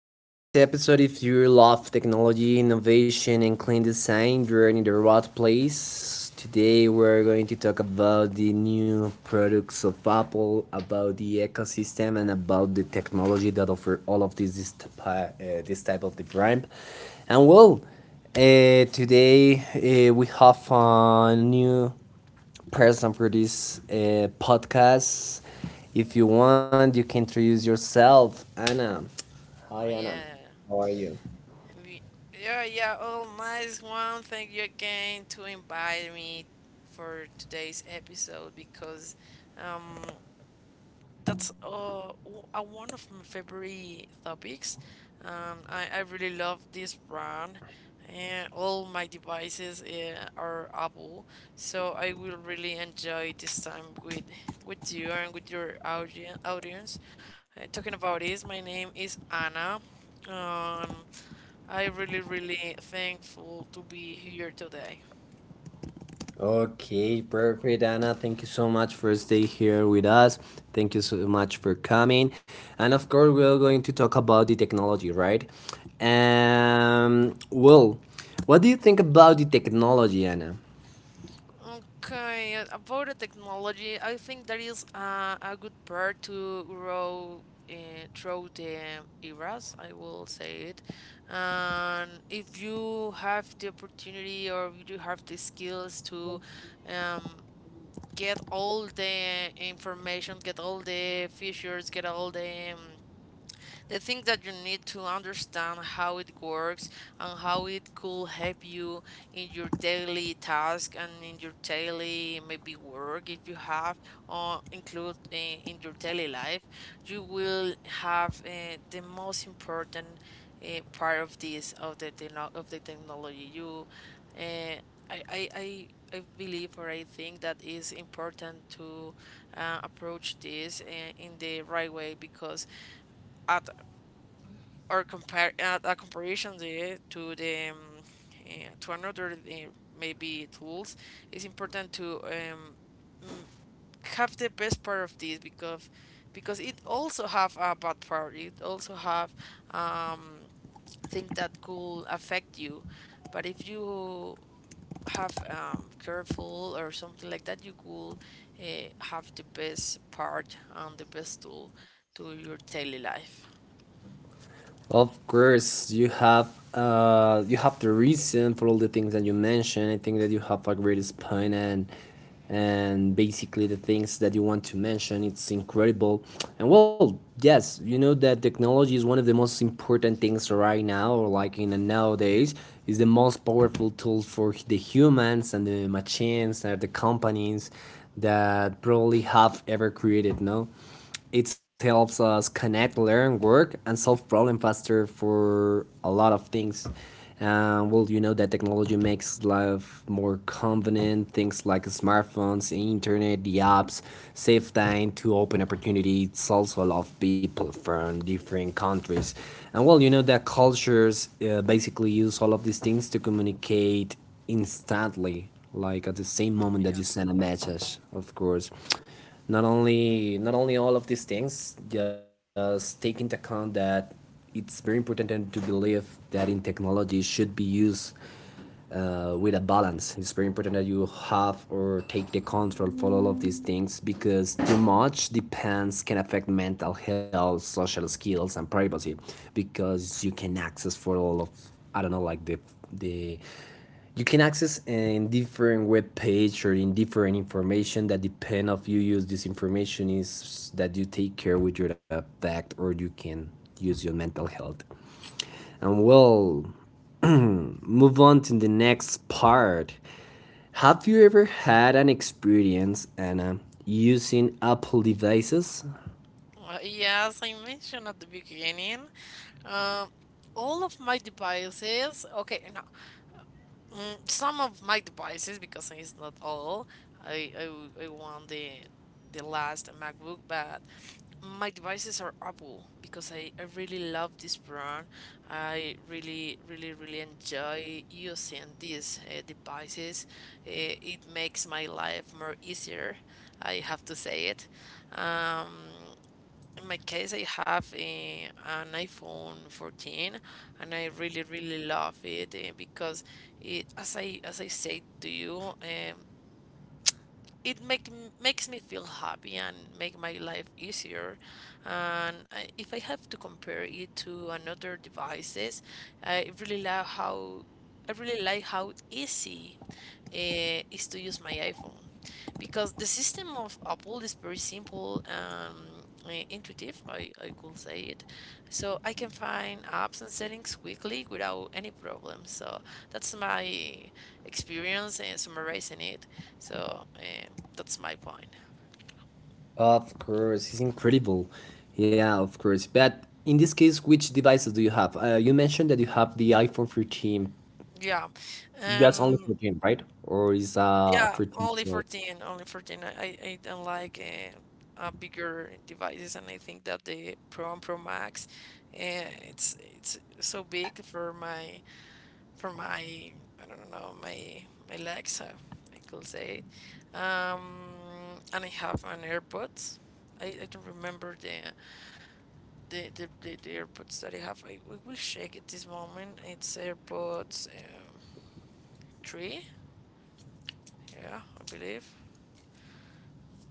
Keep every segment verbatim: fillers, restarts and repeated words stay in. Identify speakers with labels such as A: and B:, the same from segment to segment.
A: Today's episode, if you love technology, innovation, and clean design, you're in the right place. Today we're going to talk about the new products of Apple, about the ecosystem, and about the technology that offer all of this this, type- uh, this type of device. And well, uh, today uh, we have a new person for this uh, podcast. If you want, you can introduce yourself, Anna.
B: Oh,
A: Hi, Anna.
B: yeah.
A: How are you?
B: We, yeah, yeah, all nice one. Thank you again to invite me for today's episode, because um that's uh w- uh, one of my favorite topics. Um I, I really love this brand, and all my devices uh, are Apple. So I will really enjoy this time with with you and with your audience audience. Uh, talking about this, my name is Anna. Um, I really, really thankful to be here today.
A: Okay, perfect, Anna. Thank you so much for staying here with us. Thank you so much for coming. And of course, we're going to talk about the technology, right? Um, well, what do you think about the technology, Anna?
B: Okay, uh, about the technology, I think that is uh, a good part to grow uh, through the eras, I will say it. And if you have the opportunity or if you have the skills to um, get all the information, get all the features, get all the um, The thing that you need to understand how it works, and how it could help you in your daily task, and in your daily maybe work if you have, or include uh, in your daily life, you will have uh, the most important uh, part of this, of the techno- of the technology. You, uh, I, I, I I believe, or I think, that is important to uh, approach this uh, in the right way, because at or compare uh, a comparison there to the um, uh, to another uh, maybe tools, it's important to um, have the best part of this, because because it also have a bad part, it also have um things that could affect you. But if you have um careful or something like that, you could uh, have the best part and the best tool to your daily life.
A: Of course, you have uh you have the reason for all the things that you mentioned. I think that you have a great spine, and and basically the things that you want to mention. It's incredible. And well, yes, you know that technology is one of the most important things right now, or like in the nowadays, is the most powerful tool for the humans and the machines and the companies that probably have ever created. No. It helps us connect, learn, work, and solve problem faster for a lot of things. Uh, well, you know that technology makes life more convenient. Things like smartphones, internet, the apps save time to open opportunities also a lot of people from different countries. And well, you know that cultures uh, basically use all of these things to communicate instantly, like at the same moment that you
B: Yeah.
A: send a message, of course. Not only not only all of these things, just take into account that it's very important, and to believe that in technology should be used uh, with a balance. It's very important that you have or take the control for all of these things, because too much depends can affect mental health, social skills, and privacy, because you can access for all of, I don't know, like the the you can access in different web page or in different information that depend of you use this information is that you take care with your effect, or you can use your mental health. And well, move on to the next part. Have you ever had an experience, Anna, using Apple devices?
B: Uh, yeah, as I mentioned at the beginning, um, all of my devices, okay, no, mm, some of my devices, because it's not all, I, I, w- I want the, the last MacBook, but my devices are Apple, because I, I really love this brand. I really, really, really enjoy using these uh, devices. Uh, it makes my life more easier, I have to say it. Um, in my case, I have eh, an iPhone fourteen, and I really, really love it eh, because it, as I as I said to you, um, it make makes me feel happy and make my life easier. And I, if I have to compare it to another devices, I really love how I really like how easy uh, is to use my iPhone, because the system of Apple is very simple and eh, intuitive, I, I could say it. So I can find apps and settings quickly without any problem. So that's my experience, and summarizing it. So eh, that's my point.
A: Of course, it's incredible. Yeah, of course. But in this case, which devices do you have? Uh, you mentioned that you have the iPhone thirteen.
B: Yeah,
A: That's only
B: and
A: fourteen, right? Or is uh
B: yeah,
A: thirteen
B: only
A: Pro?
B: fourteen, only fourteen. I, I I don't like uh, uh, bigger devices, and I think that the Pro and Pro Max, uh, it's it's so big for my, for my I don't know, my, my legs. uh, I could say it. Um, and I have an AirPods. I, I don't remember the, the, the the the AirPods that I have. I, I will check at this moment. It's AirPods. Uh, three. Yeah, I believe.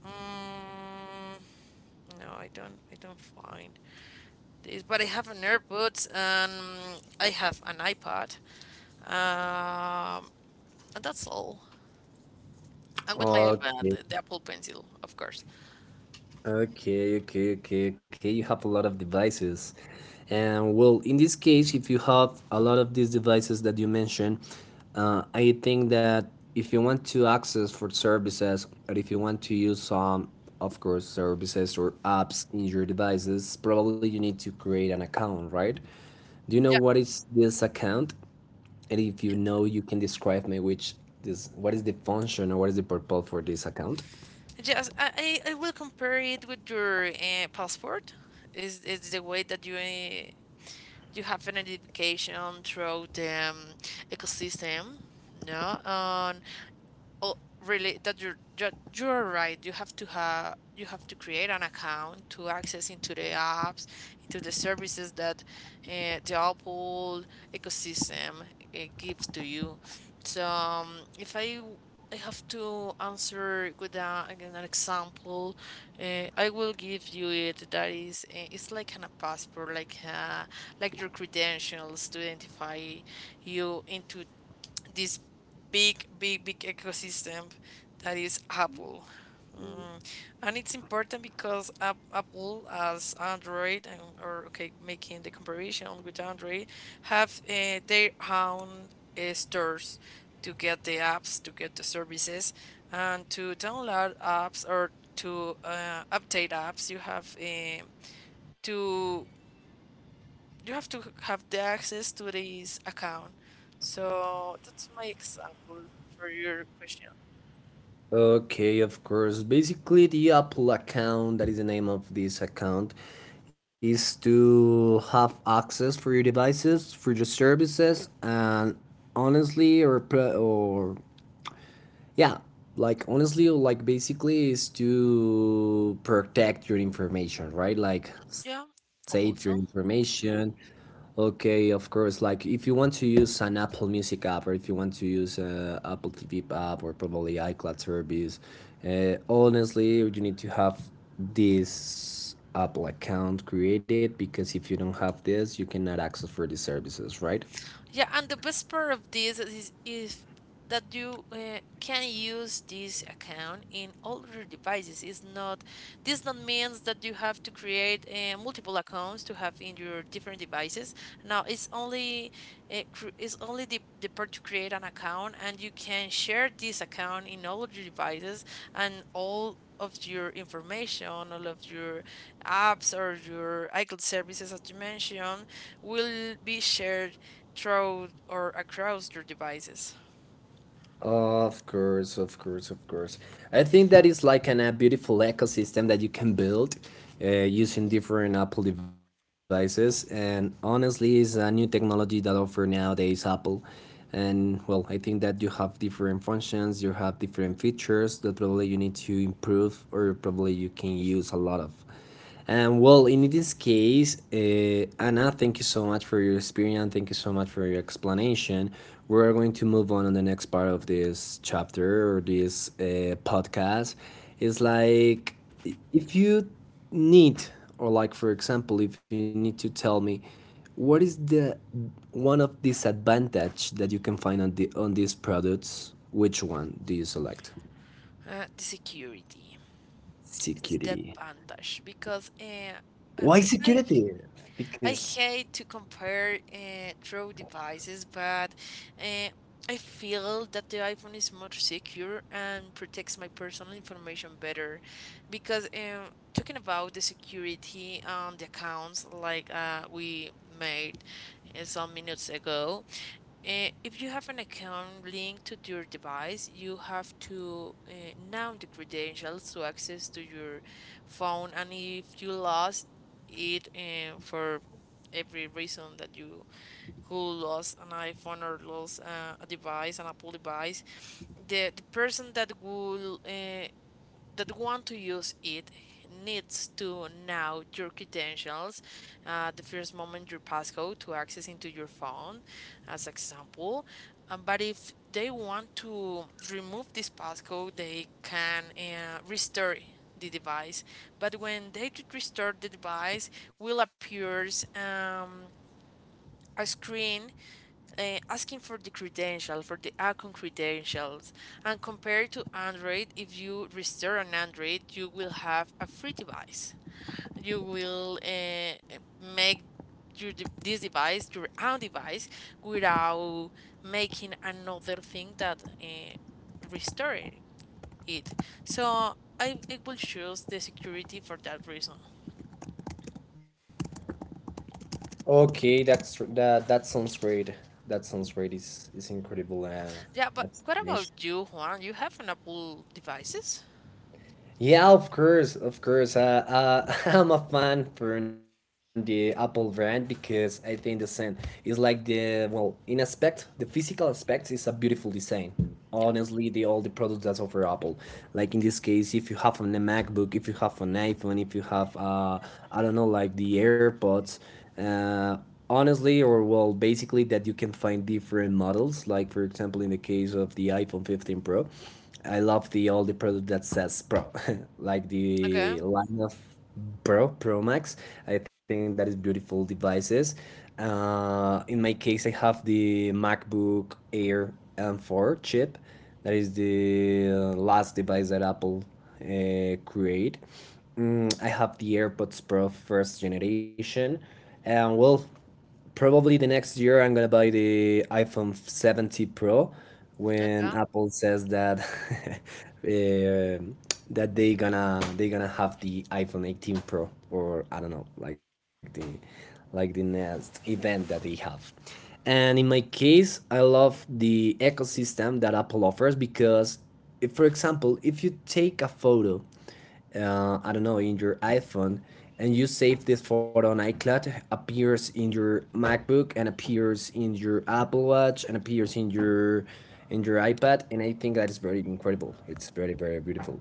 B: Mm, no, I don't. I don't find this, but I have an AirPods and I have an iPad. Um, and that's all. And with my
A: Okay.
B: iPad, the Apple Pencil, of course.
A: Okay, okay, okay, okay. You have a lot of devices. And well, in this case, if you have a lot of these devices that you mentioned, uh, I think that if you want to access for services, or if you want to use some, of course, services or apps in your devices, probably you need to create an account, right? Do you know
B: Yeah,
A: what is this account? And if you know, you can describe me which this what is the function or what is the purpose for this account?
B: just I, I I will compare it with your uh, passport. Is is the way that you uh, you have an identification through the um, ecosystem, no? Oh, really that you're that you're right. You have to have you have to create an account to access into the apps, into the services that uh, the Apple ecosystem uh, gives to you. So um, if I I have to answer with a, again, an example, uh, I will give you it. That is, uh, it's like an, a passport, like uh, like your credentials to identify you into this big, big, big ecosystem that is Apple. Mm, and it's important because Ap- Apple, as Android, and, or okay, making the comparison with Android, have uh, their own uh, stores to get the apps, to get the services, and to download apps, or to uh, update apps. You have um to you have to have the access to this account. So that's my example for your question.
A: Okay, of course. Basically, the Apple account, that is the name of this account, is to have access for your devices, for your services, and honestly, or or yeah, like honestly, like basically is to protect your information, right? Like
B: Yeah,
A: save your
B: also.
A: information. Okay, of course. Like if you want to use an Apple Music app, or if you want to use uh, Apple T V app, or probably iCloud service, uh, honestly, you need to have this Apple account created, because if you don't have this, you cannot access for these services, right?
B: Yeah, and the best part of this is, is that you uh, can use this account in all your devices. It's not This not means that you have to create uh, multiple accounts to have in your different devices. No, it's only uh, cr- it's only the, the part to create an account, and you can share this account in all of your devices, and all of your information, all of your apps or your iCloud services, as you mentioned, will be shared through, or across, your devices.
A: Of course, of course, of course. I think that is like an, a beautiful ecosystem that you can build uh, using different Apple devices. And honestly, it's a new technology that offer nowadays Apple. And well, I think that you have different functions, you have different features that probably you need to improve, or probably you can use a lot of. And well, in this case, uh, Anna, thank you so much for your experience. Thank you so much for your explanation. We're going to move on on the next part of this chapter or this uh, podcast. It's like if you need, or like for example, if you need to tell me, what is the one of disadvantage that you can find on the on these products? Which one do you select?
B: Uh, the security. It's the
A: Security.
B: advantage, because uh, I,
A: Why
B: I
A: security?
B: I
A: Because
B: hate to compare uh, through devices, but uh, I feel that the iPhone is more secure and protects my personal information better. Because um, talking about the security on the accounts, like uh, we made uh, some minutes ago, uh, if you have an account linked to your device, you have to uh, know the credentials to access to your phone. And if you lost it, and for every reason that you who lost an iPhone, or lost uh, a device, an Apple device, the the person that will uh, that want to use it needs to know your credentials, uh, the first moment your passcode to access into your phone, as example. Um, but if they want to remove this passcode, they can uh, restore the device. But when they did restore the device, will appears um, a screen uh, asking for the credential, for the account credentials, and compared to Android, if you restore an Android, you will have a free device. You will uh, make your de- this device your own device without making another thing that uh, restoring it. So I, I will choose the security for that reason.
A: Okay, that's that that sounds great. That sounds great. It's it's incredible uh,
B: Yeah, but what about
A: explanation.
B: you, Juan? You have an Apple devices?
A: Yeah, of course, of course. Uh, uh, I'm a fan from the Apple brand, because I think the same, is like the, well, in aspect, the physical aspect is a beautiful design.
B: Yeah.
A: Honestly, the all the products that's offer Apple, like in this case, if you have on a MacBook, if you have an iPhone, if you have uh, I don't know, like the AirPods, uh, honestly or well basically that you can find different models, like for example in the case of the iPhone fifteen Pro, I love the all the product that says Pro, like
B: Okay.
A: the line of Pro Pro Max. I think that is beautiful devices. Uh, in my case, I have the MacBook Air M four chip. That is the uh, last device that Apple uh, create. Mm, I have the AirPods Pro first generation, and well, probably the next year I'm gonna buy the iPhone seventy Pro, when
B: Okay.
A: Apple says that uh, that they gonna they gonna have the iPhone eighteen Pro, or I don't know, like the like the next event that they have. And in my case, I love the ecosystem that Apple offers because, if, for example, if you take a photo uh, I don't know, in your iPhone, and you save this photo on iCloud, appears in your MacBook, and appears in your Apple Watch, and appears in your in your iPad, and I think that is very incredible. It's very, very beautiful.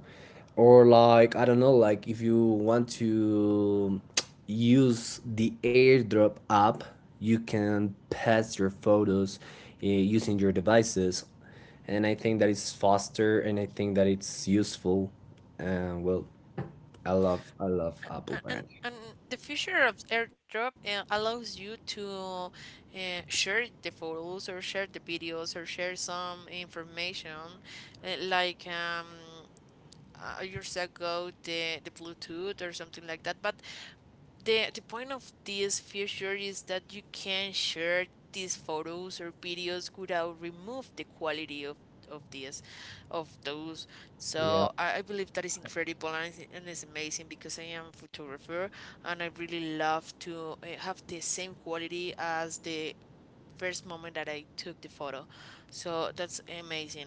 A: Or like I don't know, like if you want to use the AirDrop app, you can pass your photos uh, using your devices, and I think that it's faster, and I think that it's useful. And well, I love I love Apple
B: A- And,
A: brand.
B: and the feature of AirDrop uh, allows you to uh, share the photos, or share the videos, or share some information uh, like um, uh, years ago the, the Bluetooth or something like that. But the the point of this feature is that you can share these photos or videos without remove the quality of of this, of those. So
A: Yeah.
B: I, I believe that is incredible, and it's, and it's amazing, because I am a photographer, and I really love to uh, have the same quality as the first moment that I took the photo. So that's amazing.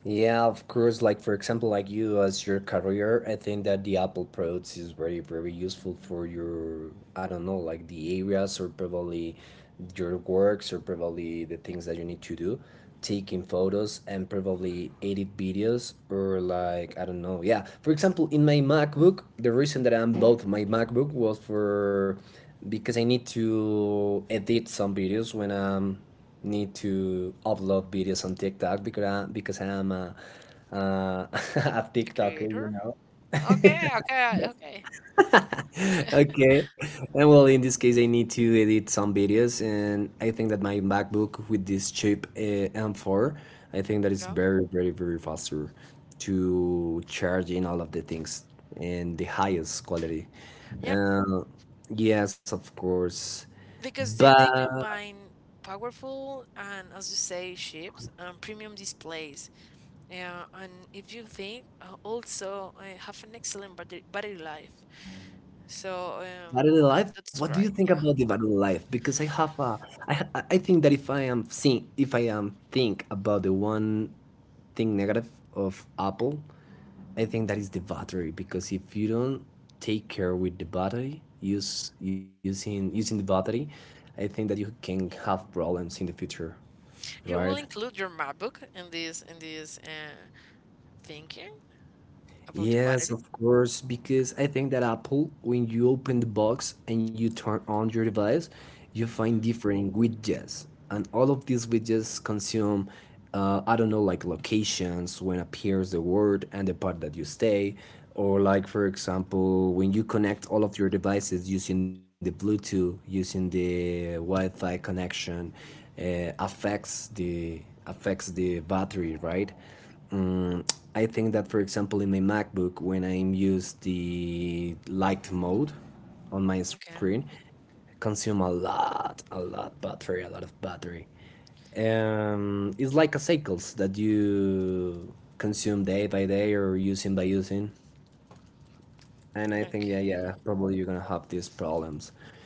A: Yeah, of course. Like for example, like you as your career, I think that the Apple products is very, very useful for your, I don't know, like the areas, or probably your works, or probably the things that you need to do, taking photos and probably edit videos, or like I don't know. Yeah, for example, in my MacBook, the reason that I'm bought my MacBook was for, because I need to edit some videos when I'm need to upload videos on TikTok, because I, because I'm a, uh, a
B: A
A: TikToker, you
B: creator?
A: know.
B: Okay, okay, okay.
A: Okay. And well, in this case, I need to edit some videos, and I think that my MacBook with this chip uh, M four, I think that is
B: Yeah.
A: very, very, very faster to charge in all of the things and the highest quality.
B: Yep,
A: Uh, yes, of course.
B: because they, they
A: But
B: combine powerful and, as you say, ships and premium displays. Yeah, and if you think, uh, also uh, have an excellent battery, battery life. So um,
A: Battery life. What
B: that's
A: do you
B: right.
A: think
B: Yeah,
A: about the battery life? Because I have a, I, ha- I think that if I am seeing, if I am think about the one thing negative of Apple, I think that is the battery. Because if you don't take care with the battery, use using using the battery, I think that you can have problems in the future,
B: you
A: right?
B: will include your MacBook in this, in this uh, thinking about the
A: Yes,
B: battery.
A: of course, because I think that Apple, when you open the box and you turn on your device, you find different widgets. And all of these widgets consume, uh, I don't know, like locations, when appears the word and the part that you stay. Or, like, for example, when you connect all of your devices using the Bluetooth, using the Wi Fi connection, uh, affects the affects the battery, right? Um, I think that, for example, in my MacBook, when I use the light mode on my
B: Okay.
A: screen, it consume a lot, a lot battery, a lot of battery. Um, it's like a cycles that you consume day by day or using by using. And I think
B: Okay.
A: that yeah, probably you're gonna have these problems.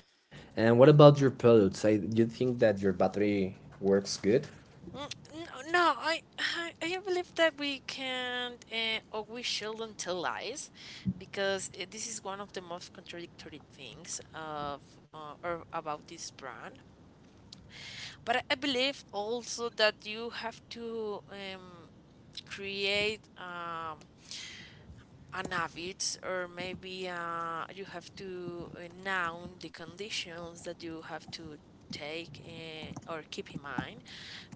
A: And what about
B: Mm.
A: your products? I, do you think that your battery works good?
B: Mm, no, no, I, I, I believe that we can't, uh, or we shouldn't tell lies, because uh, this is one of the most contradictory things of, uh, or about, this brand. But I I believe also that you have to um, create um, an habit, or maybe uh, you have to uh, noun the conditions that you have to take, uh, or keep in mind,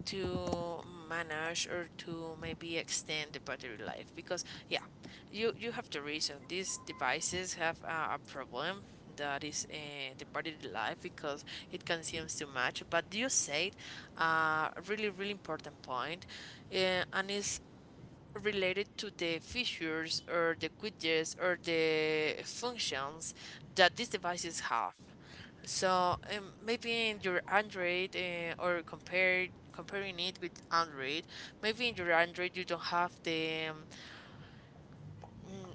B: to manage, or to maybe extend the battery life, because yeah, you you have to reason these devices have uh, a problem that is uh, the battery life, because it consumes too much. But you said a uh, really, really important point, uh, and is related to the features, or the widgets, or the functions that these devices have. So um, maybe in your Android, uh, or compare comparing it with Android, maybe in your Android you don't have the um,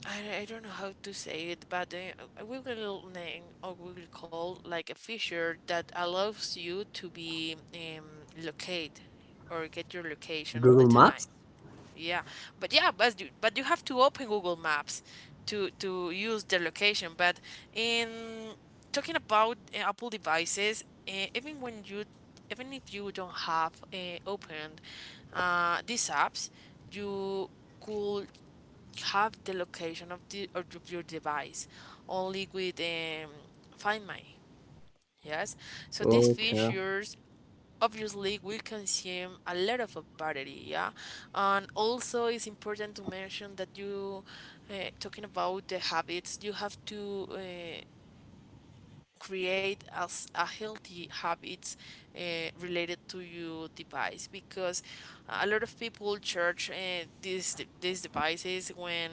B: I, I don't know how to say it, but uh, we will name, or we will call, like a feature that allows you to be um, locate or get your location all the
A: Google
B: time.
A: Maps?
B: Yeah, but yeah, but you but you have to open Google Maps to to use the location. But in talking about uh, Apple devices, uh, even when you even if you don't have uh, opened uh, these apps, you could have the location of the, or of your device, only with um, Find My. Yes, so these
A: Okay.
B: features obviously will consume a lot of a battery, yeah, and also it's important to mention that you uh, talking about the habits you have to uh, create as a healthy habits uh, related to your device, because a lot of people charge uh, these these devices when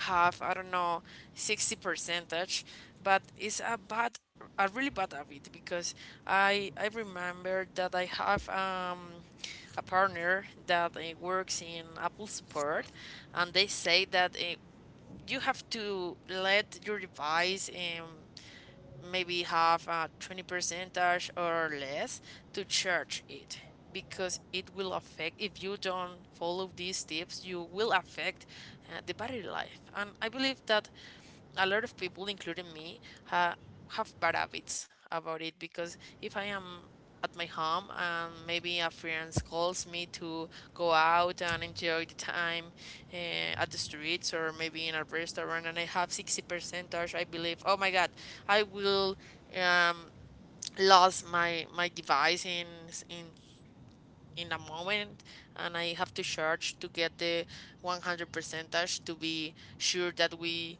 B: have, I don't know, sixty percentage, but it's a bad, a really bad habit because I I remember that I have um a partner that uh, works in Apple support, and they say that uh, you have to let your device um maybe have a twenty percentage or less to charge it, because it will affect, if you don't follow these tips you will affect uh, the battery life. And I believe that a lot of people, including me, ha- have bad habits about it, because if I am at my home and maybe a friend calls me to go out and enjoy the time eh, at the streets or maybe in a restaurant, and I have sixty percentage, I believe, oh my God, I will um, lose my, my device in, s- in, in a moment, and I have to charge to get the one hundred percentage to be sure that we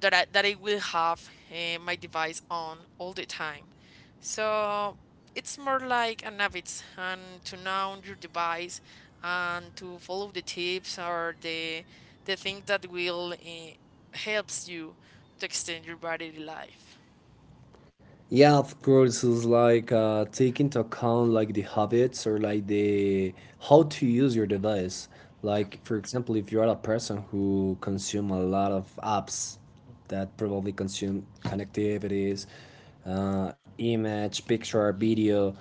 B: that I, that I will have uh, my device on all the time. So it's more like an habit, and to know your device and to follow the tips or the the thing that will uh, helps you to extend your battery life.
A: Yeah, of course, it's like uh, take into account like the habits, or like the how to use your device.
B: Yeah,
A: Like for example, if you are a person who consume a lot of apps that probably consume connectivities, uh, image, picture, video,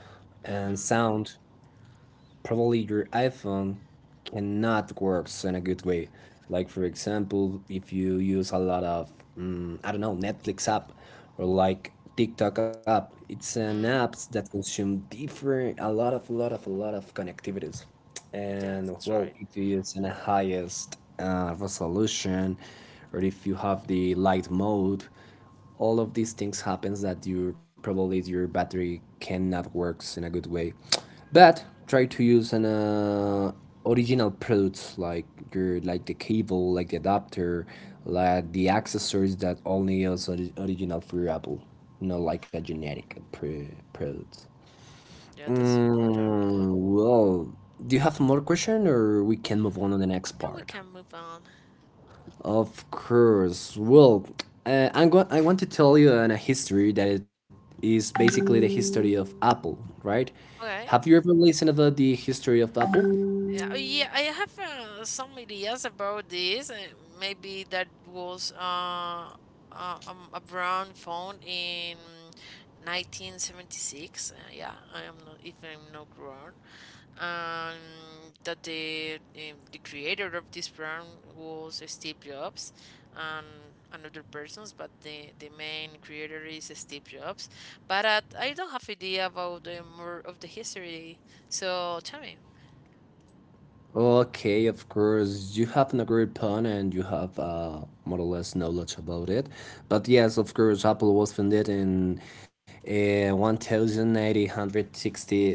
A: and sound, probably your iPhone cannot works in a good way. Like for example, if you use a lot of mm, I don't know, Netflix app or like TikTok app, it's an apps that consume different a lot of a lot of a lot of connectivities. And
B: that's
A: well,
B: right.
A: if you use in a highest uh, resolution, or if you have the light mode, all of these things happens that your probably your battery cannot works in a good way. But try to use an uh, original products like your like the cable like the adapter like the accessories that only is original for Apple, not like a generic pr- product.
B: Yeah, that's important.
A: Mm, well do you have more question or we can move on on the next
B: Now we
A: part?
B: can move on.
A: Of course. Well, uh, I'm going. I want to tell you a history that it is basically the history of Apple, right? Have
B: Okay.
A: you ever listened about the history of Apple?
B: Uh, yeah, I have uh, some ideas about this. Uh, maybe that was uh, uh, um, a brown found in nineteen seventy-six. Uh, yeah, I am not, if I'm not wrong. Um, that the um, the creator of this brand was Steve Jobs, and another persons, but the the main creator is Steve Jobs. But uh, I don't have idea about the more of the history. So tell me.
A: Okay, of course, you have an great pun and you have uh, more or less knowledge about it. But yes, of course, Apple was founded in uh, eighteen sixty, uh,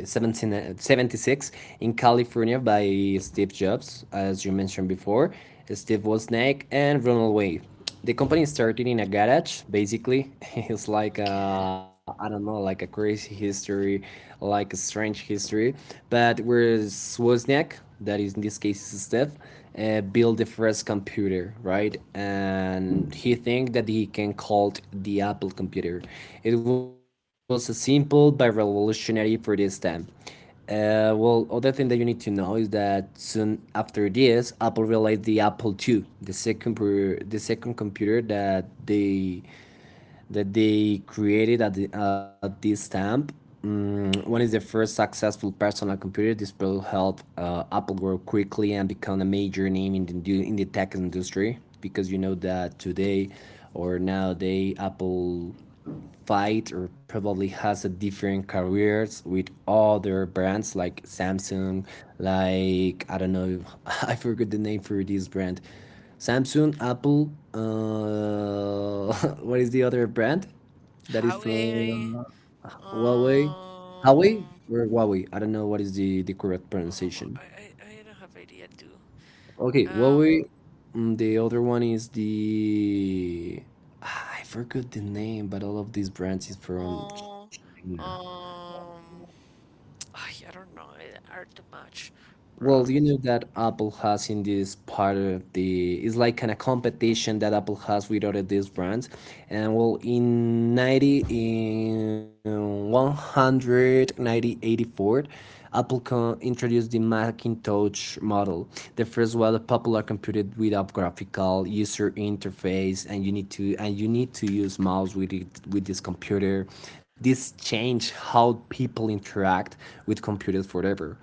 A: in California by Steve Jobs, as you mentioned before. Steve Wozniak and Ronald Wave, the company started in a garage basically. It's like
B: Okay.
A: a, I don't know, like a crazy history, like a strange history, but where Swozniak, that is in this case Steph, uh, built the first computer, right? And he think that he can call it the Apple computer. It was a simple but revolutionary for this time. Uh, well, other thing that you need to know is that soon after this, Apple released the Apple I I, the second per, the second computer that they that they created at, the, at this time. Mm, one is the first successful personal computer. This will help uh, Apple grow quickly and become a major name in the indu- in the tech industry, because you know that today or nowadays Apple fight or probably has a different careers with other brands like Samsung, like I don't know, I forgot the name for this brand. Samsung, Apple, uh, what is the other brand that is from
B: Highway.
A: Huawei?
B: Um,
A: Huawei or Huawei? I don't know what is the, the correct
B: oh, oh,
A: pronunciation.
B: I, I I don't have idea too.
A: Okay,
B: Um,
A: Huawei. Mm, the other one is the. Ah, I forgot the name, but all of these brands is from
B: oh,
A: China.
B: Um, ah, I don't know. I are too much
A: Well, you
B: bronze.
A: know that Apple has in this part of the it's like kind of competition that Apple has with other these brands, and well, in ninety in one hundred ninety eighty four, Apple co- introduced the Macintosh model, the first well popular computer with a graphical user interface, and you need to and you need to use mouse with it, with this computer. This changed how people interact with computers forever.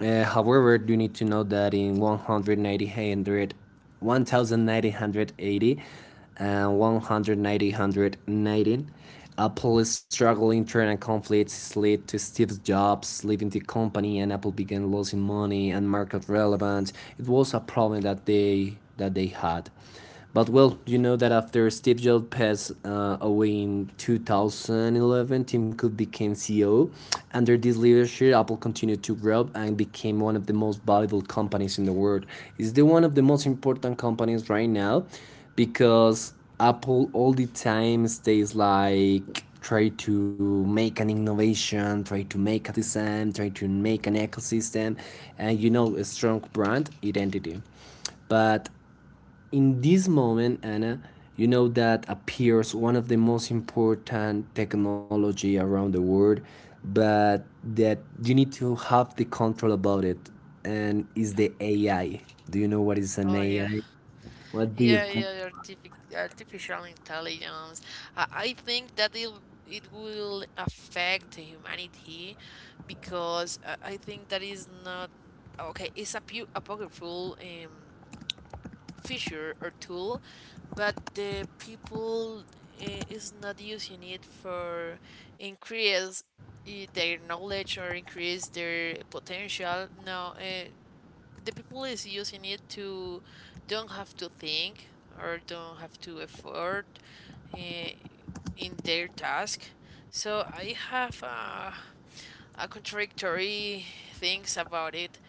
A: Uh, however, you need to know that in nineteen eighty nineteen eighty and nineteen ninety, Apple's struggling internal conflicts led to Steve Jobs leaving the company, and Apple began losing money and market relevance. It was a problem that they that they had. But well, you know that after Steve Jobs passed uh, away in two thousand eleven, Tim Cook became C E O. Under this leadership, Apple continued to grow and became one of the most valuable companies in the world. It's the one of the most important companies right now, because Apple all the time stays like try to make an innovation, try to make a design, try to make an ecosystem, and you know a strong brand identity. But in this moment, Anna, you know that appears one of the most important technology around the world, but that you need to have the control about it, and is the A I. Do you know what is an
B: Oh, yeah,
A: A I? What do you
B: yeah,
A: think?
B: yeah. The Artific- artificial intelligence. I, I think that it it will affect humanity, because I, I think that is not okay. It's a pu- apocryphal. Um, feature or tool, but the people uh, is not using it for increase i- their knowledge or increase their potential. No, uh, the people is using it to don't have to think or don't have to effort uh, in their task. So I have a a contradictory things about it.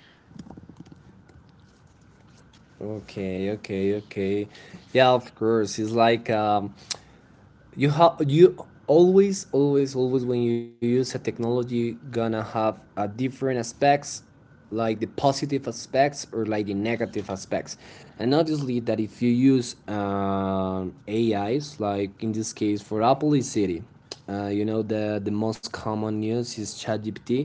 A: Okay, okay, okay. Yeah, of course. It's like um, You have you always, always, always when you use a technology gonna have a different aspects, like the positive aspects or like the negative aspects, and obviously that if you use um, A Is, like in this case for Apple is Siri, uh, you know the the most common use is ChatGPT,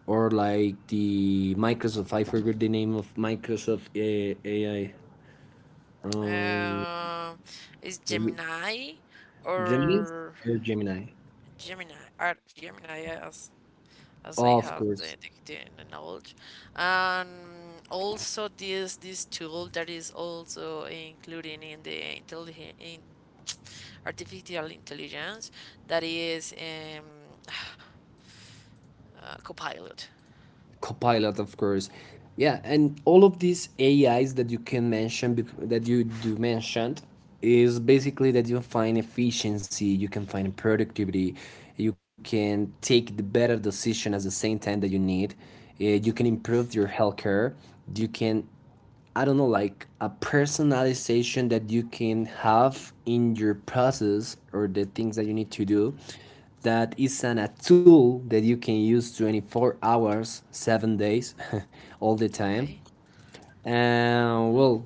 A: or like the Microsoft. I forgot the name of Microsoft A- AI. Um,
B: Uh, is Gemini
A: Gemini
B: or
A: or Gemini?
B: Gemini, or Gemini, yes, as
A: Of
B: I have
A: course.
B: the, the, the knowledge. And also this this tool that is also including in the intelli in artificial intelligence, that is um uh, Copilot.
A: Copilot, of course. Yeah, and all of these A Is that you can mention that you do mentioned is basically that you find efficiency, you can find productivity, you can take the better decision at the same time that you need. uh, You can improve your healthcare. You can I don't know, like a personalization that you can have in your process or the things that you need to do. That is an, a tool that you can use twenty-four hours, seven days, all the time.
B: Okay.
A: And well,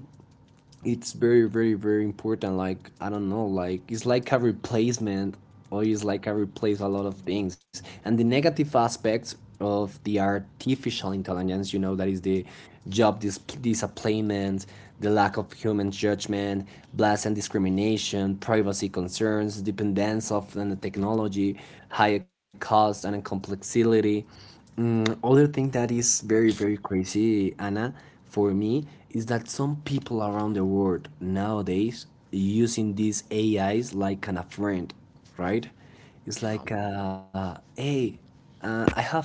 A: it's very very very important like I don't know, like it's like a replacement or it's like I replace a lot of things. And the negative aspects of the artificial intelligence, you know that is the job dis- disappointment, the lack of human judgment, bias and discrimination, privacy concerns, dependence of the technology, higher cost and complexity, and other thing that is very, very crazy, Anna, for me, is that some people around the world nowadays using these A Is like kind of friend, right? It's
B: Yeah.
A: like, uh, hey, uh, I have, uh,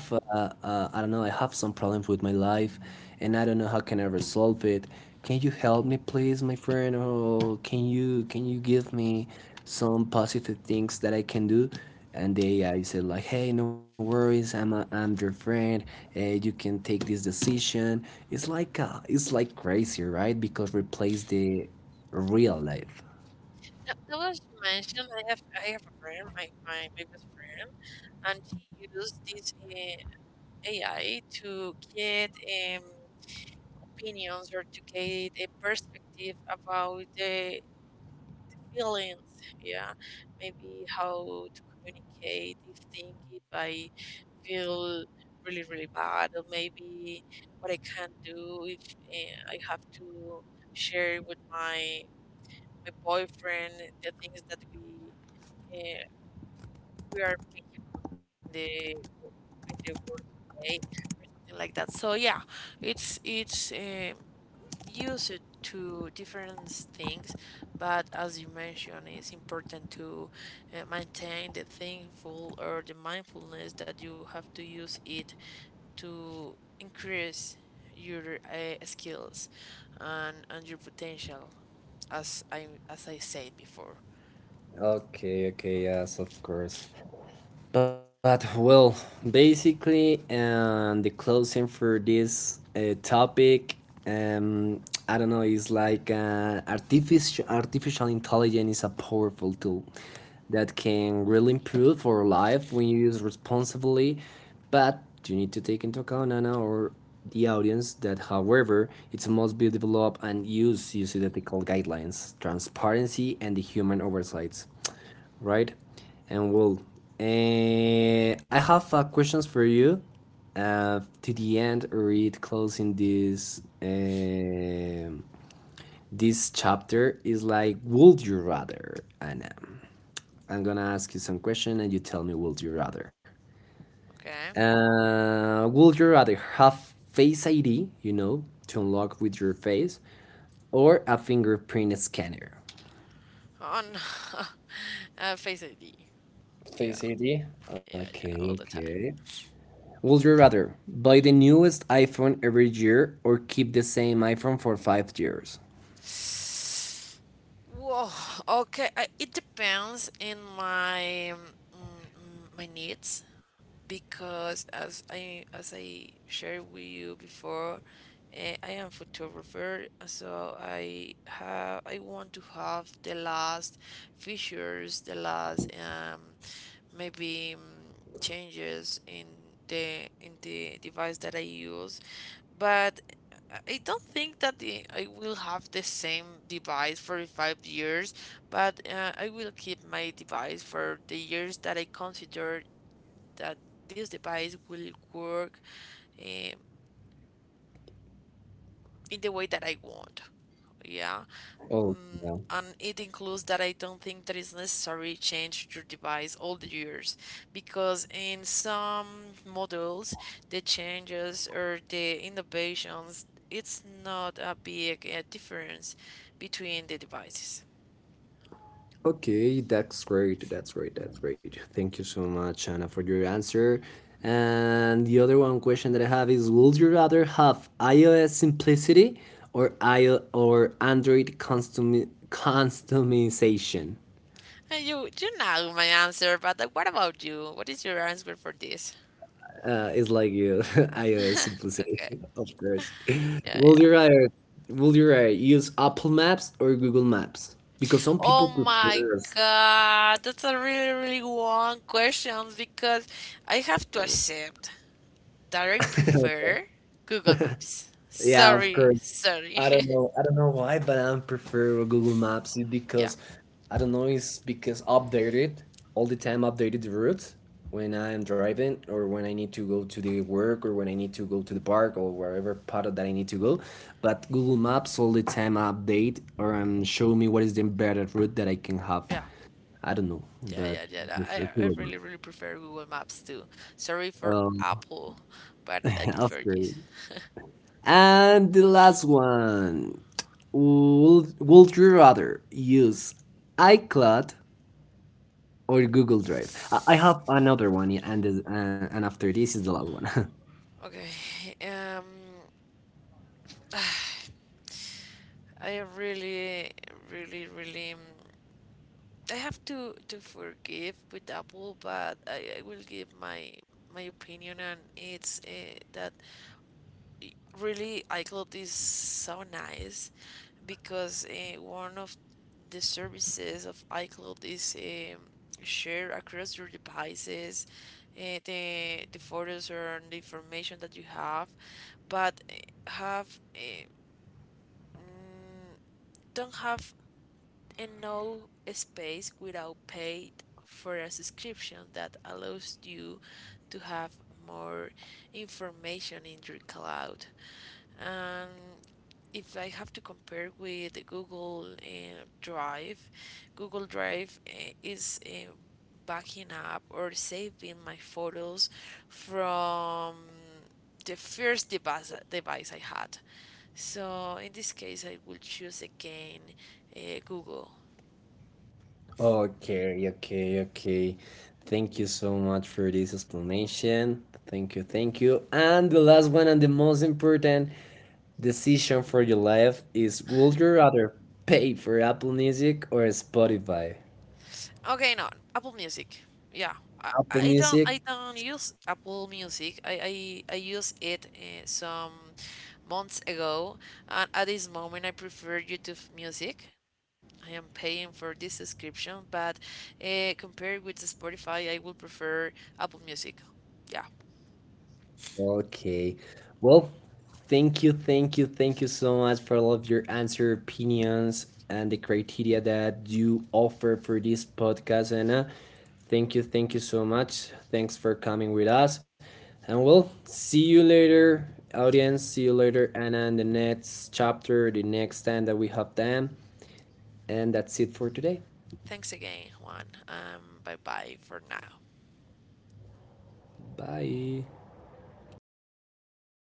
A: uh, I don't know, I have some problems with my life, and I don't know how can I resolve it. Can you help me, please, my friend? Or can you can you give me some positive things that I can do? And they I uh, said like, hey, no worries, I'm a, I'm your friend, uh, you can take this decision. It's like uh, it's like crazy, right? Because replace the real life.
B: Now, now as you mentioned, I have I have a friend, my, my, my best friend, and she used this uh, A I to get um opinions or to get a perspective about the, the feelings. Yeah, maybe how to communicate, if thing if I feel really really bad, or maybe what I can do if uh, I have to share with my my boyfriend the things that we uh, we are making in the in the worst way, or something like that. So yeah, it's it's um, use it to different things, but as you mentioned, it's important to uh, maintain the thankful or the mindfulness that you have to use it to increase your uh, skills and and your potential, as I as I said before.
A: Okay, okay, yes, of course. But well, basically, and um, the closing for this uh, topic, um, I don't know, is like uh, artificial artificial intelligence is a powerful tool that can really improve our life when you use responsibly, but you need to take into account Anna or the audience that, however, it must be developed and used using ethical guidelines, transparency, and the human oversights, right? And well, eh, I have uh, questions for you uh, to the end or it closing this um this chapter is like, would you rather? And um, I'm gonna ask you some question and you tell me, would you rather?
B: Okay,
A: Uh, would you rather have Face I D, you know, to unlock with your face, or a fingerprint scanner?
B: on uh, Face I D. Yeah,
A: Face I D.
B: yeah, yeah,
A: Okay,
B: all the time.
A: okay. Would you rather buy the newest iPhone every year or keep the same iPhone for five years?
B: Whoa, okay. I, it depends in my um, mm, my needs, because as I as I shared with you before, eh, I am photographer, so I have I want to have the last features, the last um maybe mm, changes in the in the device that I use. But I I don't think that the, I will have the same device for five years, but uh, I will keep my device for the years that I consider that this device will work um, in the way that I want. Yeah,
A: Oh, yeah.
B: and it includes that I don't think that it's necessary to change your device all the years, because in some models the changes or the innovations it's not a big uh, difference between the devices.
A: Okay, that's great. That's great. That's great. Thank you so much, Anna, for your answer. And the other one question that I have is: would you rather have iOS simplicity, or I or Android custom customization?
B: Uh, You you know my answer, but uh, what about you? What is your answer for this?
A: Uh, it's like you, iOS
B: Okay,
A: simplicity, of course.
B: yeah,
A: Will
B: yeah.
A: you rather, will you rather use Apple Maps or Google Maps? Because some people
B: Oh my
A: prefer.
B: God, that's a really, really long question, because I have to accept that I prefer Google Maps.
A: Yeah, of
B: Sorry,
A: course.
B: sorry.
A: I don't know. I don't know why, but I prefer Google Maps it because I don't know. It's because updated all the time. Updated the route when I am driving or when I need to go to the work or when I need to go to the park or wherever part of that I need to go. But Google Maps all the time update or um, show me what is the better route that I can have.
B: Yeah,
A: I don't know,
B: yeah, yeah,
A: but
B: yeah, yeah,
A: yes,
B: yeah.
A: it's a
B: I, I
A: good
B: really, really prefer Google Maps too. Sorry for
A: um,
B: Apple, but I
A: of
B: prefer
A: course.
B: this.
A: And the last one. Would, would you rather use iCloud or Google Drive? I, have another one, yeah, and, the- uh, and after this is the last one.
B: Okay, um, I really, really, really, mm, I have to to forgive with Apple, but I, I will give my my opinion, and it's uh, that i- really iCloud is so nice, because uh, one of the services of iCloud is um, shared across your devices, uh, the the photos or the information that you have, but eh, have uh, mm, don't have and no space without paid for a subscription that allows you to have more information in your cloud. And if I have to compare with Google uh, Drive, Google Drive uh, is uh, backing up or saving my photos from the first device, device I had. So in this case, I will choose again uh, Google.
A: Okay, okay, okay. Thank you so much for this explanation. Thank you, thank you. And the last one and the most important decision for your life is would you rather pay for Apple Music or Spotify?
B: Okay, no, Apple Music. Yeah, I,
A: Apple
B: I don't
A: Music.
B: I don't use Apple Music. I I, I use it uh, some months ago, and at this moment I prefer YouTube Music. I am paying for this subscription, but uh, compared with Spotify, I will prefer Apple Music. Yeah.
A: Okay. Well, thank you, thank you, thank you so much for all of your answer, opinions, and the criteria that you offer for this podcast, Anna. Thank you, thank you so much. Thanks for coming with us. And we'll see you later, audience. See you later, Anna, in the next chapter, the next time that we have them. And that's it for today.
B: Thanks again, Juan. Um, bye bye for now.
A: Bye.